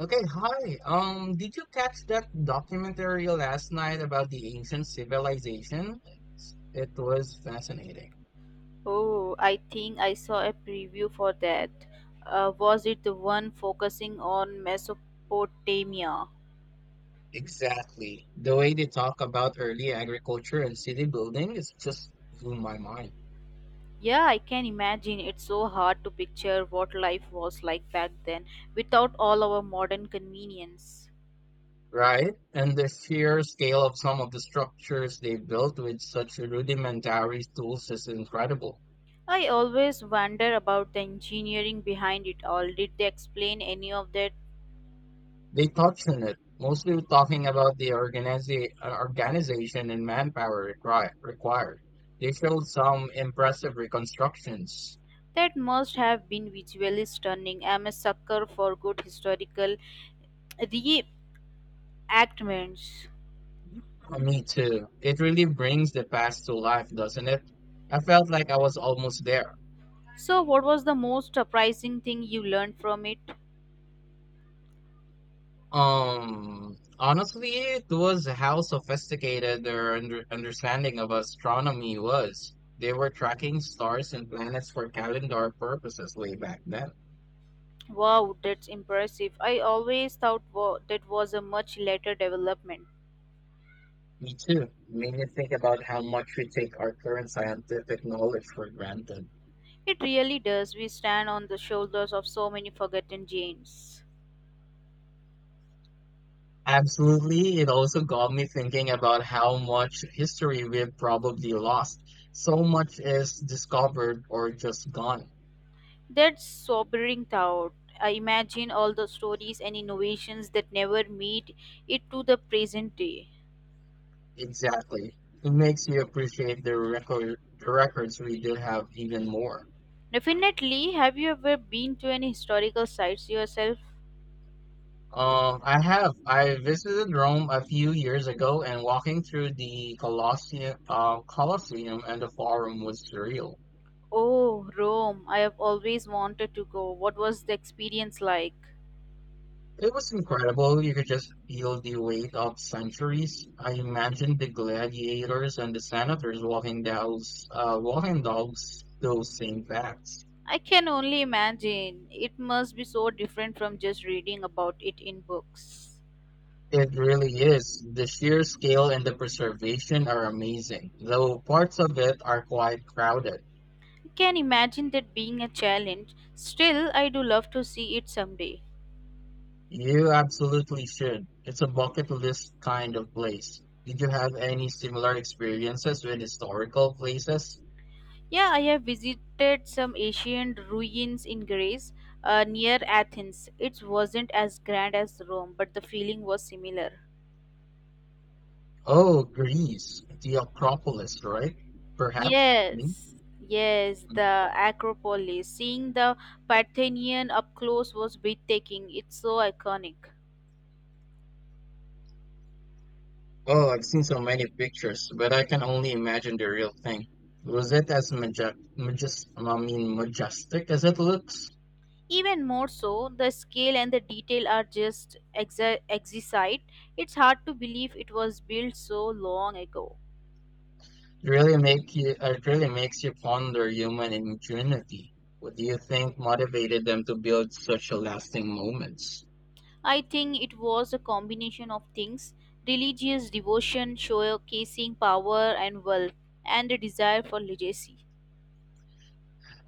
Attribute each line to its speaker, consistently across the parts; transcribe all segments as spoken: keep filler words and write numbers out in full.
Speaker 1: Okay, hi. Um, did you catch that documentary last night about the ancient civilization? It was fascinating.
Speaker 2: Oh, I think I saw a preview for that. Uh, was it the one focusing on Mesopotamia?
Speaker 1: Exactly. The way they talk about early agriculture and city building is just blew my mind.
Speaker 2: Yeah, I can imagine. It's so hard to picture what life was like back then without all our modern convenience.
Speaker 1: Right? And the sheer scale of some of the structures they built with such rudimentary tools is incredible.
Speaker 2: I always wonder about the engineering behind it all. Did they explain any of that?
Speaker 1: They touched on it, mostly talking about the organiza- uh, organization and manpower require- required. They showed some impressive reconstructions.
Speaker 2: That must have been visually stunning. I'm a sucker for good historical reenactments.
Speaker 1: Uh, Me too. It really brings the past to life, doesn't it? I felt like I was almost there.
Speaker 2: So, what was the most surprising thing you learned from it?
Speaker 1: Um, honestly, it was how sophisticated their under- understanding of astronomy was. They were tracking stars and planets for calendar purposes way back then.
Speaker 2: Wow, that's impressive. I always thought wa- that was a much later development.
Speaker 1: Me too. Made me think about how much we take our current scientific knowledge for granted.
Speaker 2: It really does. We stand on the shoulders of so many forgotten giants.
Speaker 1: Absolutely. It also got me thinking about how much history we've probably lost. So much is discovered or just gone.
Speaker 2: That's sobering thought. I imagine all the stories and innovations that never made it to the present day.
Speaker 1: Exactly. It makes you appreciate the record the records we did have even more.
Speaker 2: Definitely, have you ever been to any historical sites yourself?
Speaker 1: Um, I have. I visited Rome a few years ago, and walking through the Colosseum, uh, Colosseum and the Forum was surreal.
Speaker 2: Oh, Rome. I have always wanted to go. What was the experience like?
Speaker 1: It was incredible. You could just feel the weight of centuries. I imagine the gladiators and the senators walking dogs, uh, walking dogs, those same paths.
Speaker 2: I can only imagine. It must be so different from just reading about it in books.
Speaker 1: It really is. The sheer scale and the preservation are amazing, though parts of it are quite crowded.
Speaker 2: I can imagine that being a challenge. Still, I do love to see it someday.
Speaker 1: You absolutely should. It's a bucket list kind of place. Did you have any similar experiences with historical places?
Speaker 2: Yeah, I have visited some ancient ruins in Greece uh, near Athens. It wasn't as grand as Rome, but the feeling was similar.
Speaker 1: Oh, Greece, the Acropolis, right? Perhaps. I mean,
Speaker 2: Yes, yes,
Speaker 1: mm.
Speaker 2: the Acropolis. Seeing the Parthenon up close was breathtaking. It's so iconic.
Speaker 1: Oh, I've seen so many pictures, but I can only imagine the real thing. Was it as majestic? Majest- I mean, majestic as it looks?
Speaker 2: Even more so, the scale and the detail are just exa- exquisite. It's hard to believe it was built so long ago.
Speaker 1: It really make you. It really makes you ponder human ingenuity. What do you think motivated them to build such a lasting moments?
Speaker 2: I think it was a combination of things: religious devotion, showcasing power and wealth, and a desire for legacy.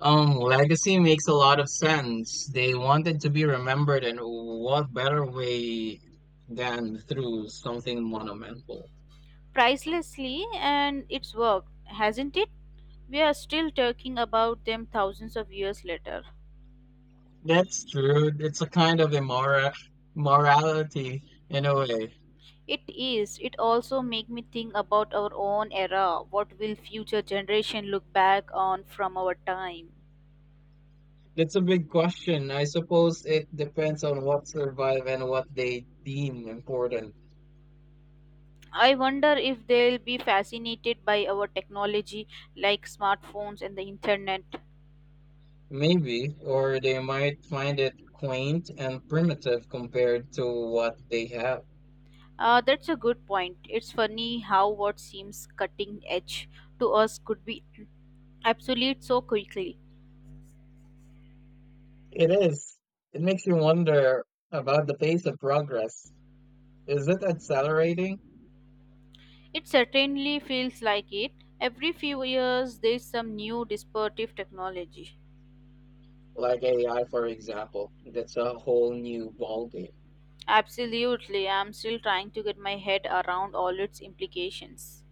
Speaker 1: Um, legacy makes a lot of sense. They wanted to be remembered, and what better way than through something monumental?
Speaker 2: Pricelessly, and it's worked, hasn't it? We are still talking about them thousands of years later.
Speaker 1: That's true. It's a kind of immora morality in a way.
Speaker 2: It is. It also make me think about our own era. What will future generation look back on from our time?
Speaker 1: That's a big question. I suppose it depends on what survive and what they deem important.
Speaker 2: I wonder if they'll be fascinated by our technology like smartphones and the internet.
Speaker 1: Maybe, or they might find it quaint and primitive compared to what they have.
Speaker 2: Uh, that's a good point. It's funny how what seems cutting edge to us could be obsolete so quickly.
Speaker 1: It is. It makes you wonder about the pace of progress. Is it accelerating?
Speaker 2: It certainly feels like it. Every few years, there's some new disruptive technology.
Speaker 1: Like A I, for example. That's a whole new ballgame.
Speaker 2: Absolutely, I'm still trying to get my head around all its implications.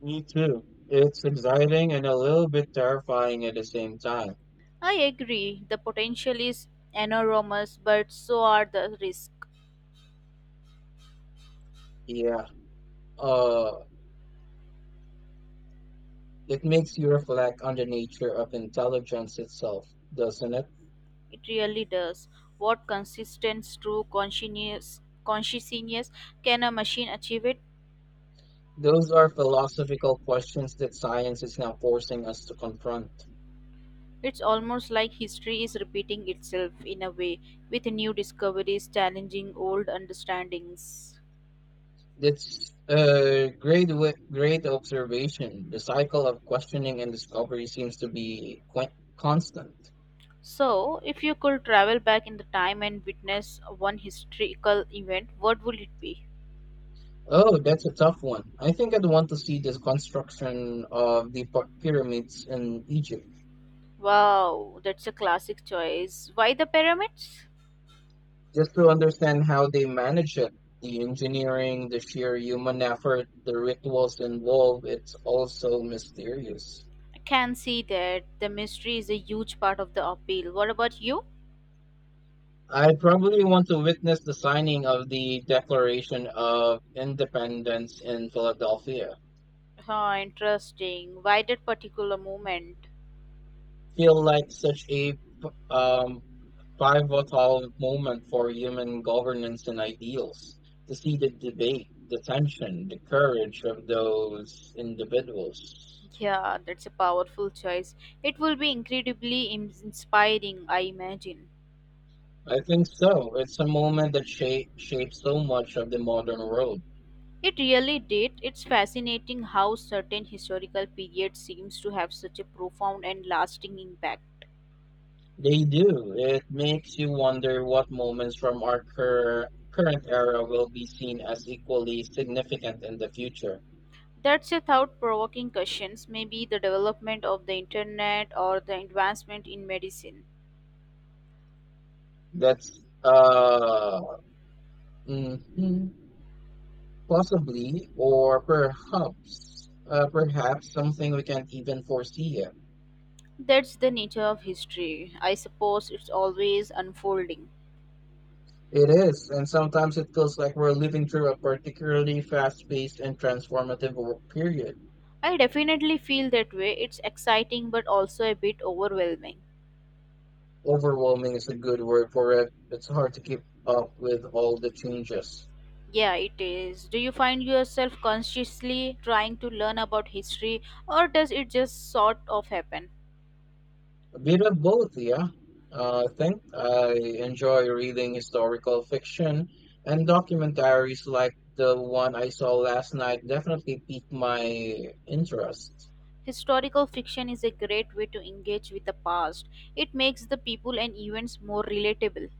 Speaker 1: Me too. It's exciting and a little bit terrifying at the same time.
Speaker 2: I agree, the potential is enormous, but so are the risks.
Speaker 1: Yeah. Uh, it makes you reflect on the nature of intelligence itself, doesn't it?
Speaker 2: It really does. What consistent, true consciousness, consciousness can a machine achieve it?
Speaker 1: Those are philosophical questions that science is now forcing us to confront.
Speaker 2: It's almost like history is repeating itself in a way, with new discoveries challenging old understandings.
Speaker 1: That's a great, wa- great observation. The cycle of questioning and discovery seems to be quite constant.
Speaker 2: So, if you could travel back in the time and witness one historical event, what would it be?
Speaker 1: Oh, that's a tough one. I think I'd want to see the construction of the py- pyramids in Egypt
Speaker 2: Wow, that's a classic choice. Why the pyramids?
Speaker 1: just to understand how they manage it. The engineering, the sheer human effort, the rituals involved, it's all so mysterious.
Speaker 2: I can see that the mystery is a huge part of the appeal. What about you?
Speaker 1: I probably want to witness the signing of the Declaration of Independence in Philadelphia
Speaker 2: Oh, interesting. Why that particular moment?
Speaker 1: feel like such a um, pivotal moment for human governance and ideals to see the debate, the tension, the courage of those individuals.
Speaker 2: Yeah, that's a powerful choice. It will be incredibly im- inspiring, I imagine.
Speaker 1: I think so. It's a moment that shape, shapes so much of the modern world.
Speaker 2: It really did. It's fascinating how certain historical periods seems to have such a profound and lasting impact.
Speaker 1: They do. It makes you wonder what moments from our cur- current era will be seen as equally significant in the future.
Speaker 2: That's a thought provoking question. Maybe the development of the internet or the advancement in medicine.
Speaker 1: That's uh, mhm. Possibly, or perhaps, uh, perhaps something we can't even foresee yet.
Speaker 2: That's the nature of history. I suppose it's always unfolding.
Speaker 1: It is, and sometimes it feels like we're living through a particularly fast-paced and transformative wo- period.
Speaker 2: I definitely feel that way. It's exciting but also a bit overwhelming.
Speaker 1: Overwhelming is a good word for it. It's hard to keep up with all the changes.
Speaker 2: Yeah, it is. Do you find yourself consciously trying to learn about history or does it just sort of happen?
Speaker 1: A bit of both, yeah. Uh, I think I enjoy reading historical fiction and documentaries like the one I saw last night definitely piqued my interest.
Speaker 2: Historical fiction is a great way to engage with the past. It makes the people and events more relatable.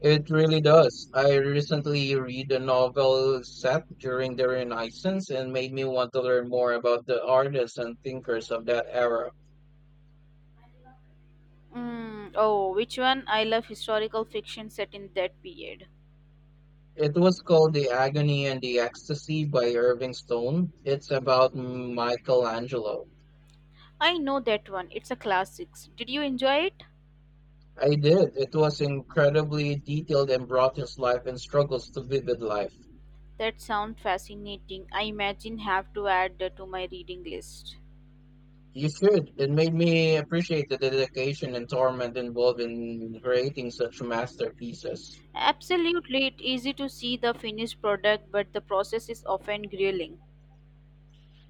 Speaker 1: It really does. I recently read a novel set during the Renaissance and made me want to learn more about the artists and thinkers of that era.
Speaker 2: Mm, oh, which one? I love historical fiction set in that period.
Speaker 1: It was called The Agony and the Ecstasy by Irving Stone. It's about Michelangelo.
Speaker 2: I know that one. It's a classics. Did you enjoy it?
Speaker 1: I did. It was incredibly detailed and brought his life and struggles to vivid life.
Speaker 2: That sounds fascinating. I imagine have to add that to my reading list.
Speaker 1: You should. It made me appreciate the dedication and torment involved in creating such masterpieces.
Speaker 2: Absolutely, it's easy to see the finished product, but the process is often grueling.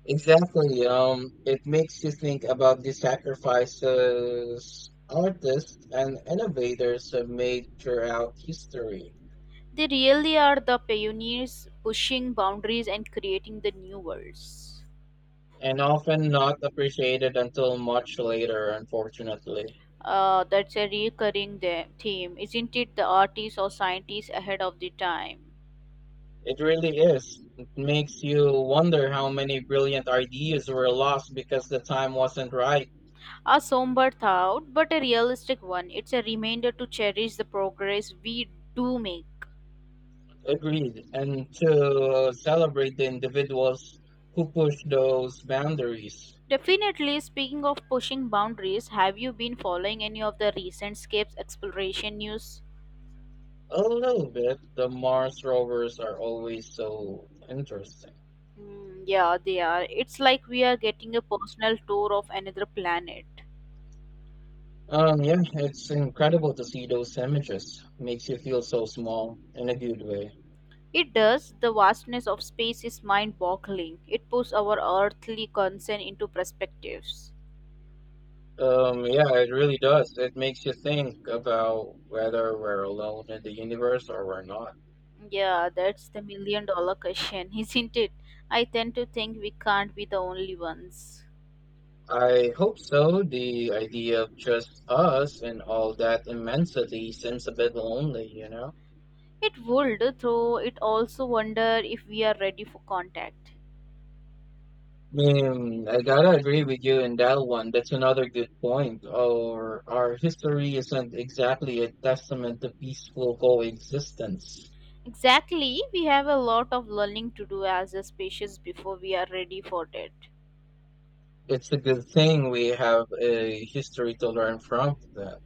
Speaker 1: Exactly. Um, it makes you think about the sacrifices artists and innovators have made throughout history,
Speaker 2: They really are the pioneers pushing boundaries and creating the new worlds.
Speaker 1: and often not appreciated until much later, unfortunately.
Speaker 2: Uh, that's a recurring the- theme, isn't it? The artists or scientists ahead of the time.
Speaker 1: It really is. It makes you wonder how many brilliant ideas were lost because the time wasn't right.
Speaker 2: A somber thought, but a realistic one. It's a reminder to cherish the progress we do make.
Speaker 1: Agreed. And to celebrate the individuals who pushed those boundaries.
Speaker 2: Definitely, speaking of pushing boundaries, have you been following any of the recent Scapes exploration news?
Speaker 1: A little bit. The Mars rovers are always so interesting.
Speaker 2: Hmm, yeah, they are. It's like we are getting a personal tour of another planet.
Speaker 1: Um, yeah, it's incredible to see those images. Makes you feel so small in a good way.
Speaker 2: It does. The vastness of space is mind boggling. It puts our earthly concern into perspectives.
Speaker 1: Um, yeah, it really does. It makes you think about whether we're alone in the universe or we're not.
Speaker 2: Yeah, that's the million dollar question, isn't it? I tend to think we can't be the only ones.
Speaker 1: I hope so. The idea of just us and all that immensity seems a bit lonely, you know?
Speaker 2: It would, though it also wonder if we are ready for contact.
Speaker 1: Mm, I gotta agree with you in that one. That's another good point. Or our history isn't exactly a testament to peaceful coexistence.
Speaker 2: Exactly, we have a lot of learning to do as a species before we are ready for it.
Speaker 1: It's a good thing we have a history to learn from that.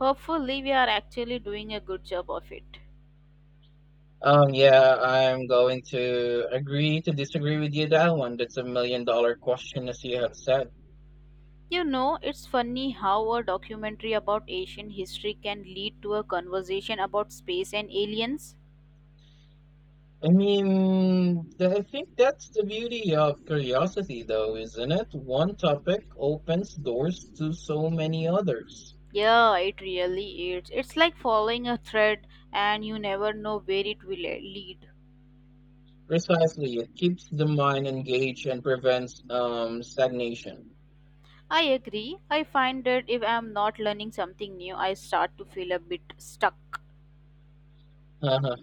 Speaker 2: Hopefully, we are actually doing a good job of it.
Speaker 1: Um, yeah, I'm going to agree to disagree with you that one. That's a million dollar question, as you have said.
Speaker 2: You know, it's funny how a documentary about Asian history can lead to a conversation about space and aliens.
Speaker 1: I mean, th- I think that's the beauty of curiosity, though, isn't it? One topic opens doors to so many others.
Speaker 2: Yeah, it really is. It's like following a thread and you never know where it will le- lead.
Speaker 1: Precisely, it keeps the mind engaged and prevents um stagnation.
Speaker 2: I agree. I find that if I'm not learning something new, I start to feel a bit stuck.
Speaker 1: Uh-huh.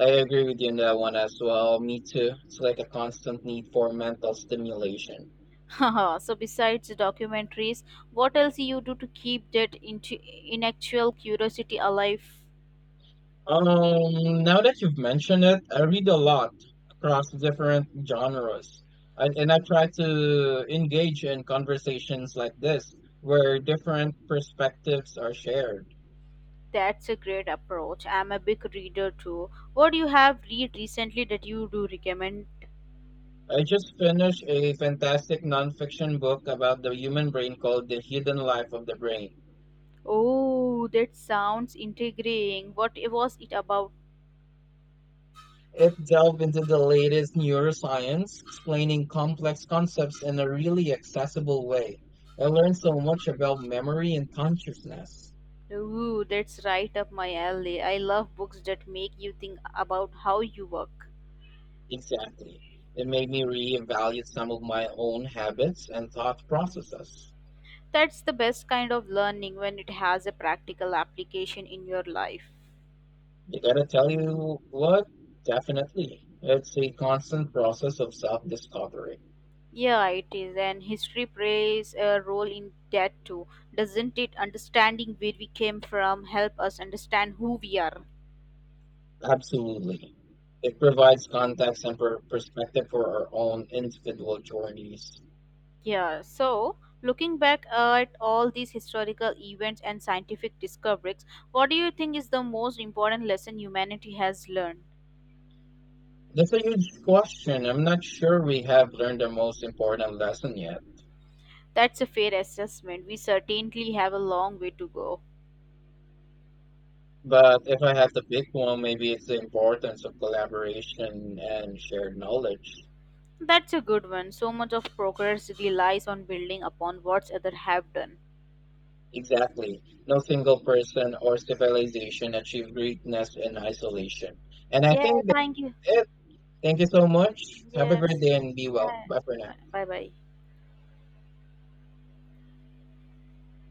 Speaker 1: I agree with you on that one as well. Me too. It's like a constant need for mental stimulation.
Speaker 2: So besides the documentaries, what else you do to keep that intu- intellectual curiosity alive?
Speaker 1: Um, now that you've mentioned it, I read a lot across different genres, and, and I try to engage in conversations like this where different perspectives are shared.
Speaker 2: That's a great approach. I'm a big reader too. What do you have read recently that you do recommend?
Speaker 1: I just finished a fantastic nonfiction book about the human brain called The Hidden Life of the Brain.
Speaker 2: Oh, that sounds intriguing. What was it about?
Speaker 1: It delved into the latest neuroscience, explaining complex concepts in a really accessible way. I learned so much about memory and consciousness.
Speaker 2: Ooh, that's right up my alley. I love books that make you think about how you work.
Speaker 1: Exactly. It made me reevaluate some of my own habits and thought processes.
Speaker 2: That's the best kind of learning when it has a practical application in your life.
Speaker 1: I gotta tell you what, definitely. It's a constant process of self discovery.
Speaker 2: Yeah, it is, and history plays a role in that too, doesn't it? Understanding where we came from help us understand who we are.
Speaker 1: Absolutely. It provides context and per- perspective for our own individual journeys.
Speaker 2: Yeah, so looking back at all these historical events and scientific discoveries, what do you think is the most important lesson humanity has learned?
Speaker 1: That's a huge question. I'm not sure we have learned the most important lesson yet.
Speaker 2: That's a fair assessment. We certainly have a long way to go.
Speaker 1: But if I had to pick one, maybe it's the importance of collaboration and shared knowledge.
Speaker 2: That's a good one. So much of progress relies on building upon what's other have done.
Speaker 1: Exactly. No single person or civilization achieved greatness in isolation. And I
Speaker 2: Yeah,
Speaker 1: think
Speaker 2: thank you.
Speaker 1: that's it. Thank you so much. Have a great
Speaker 2: Yes.
Speaker 1: day and be well.
Speaker 2: Hi.
Speaker 1: Bye for now.
Speaker 2: Bye bye.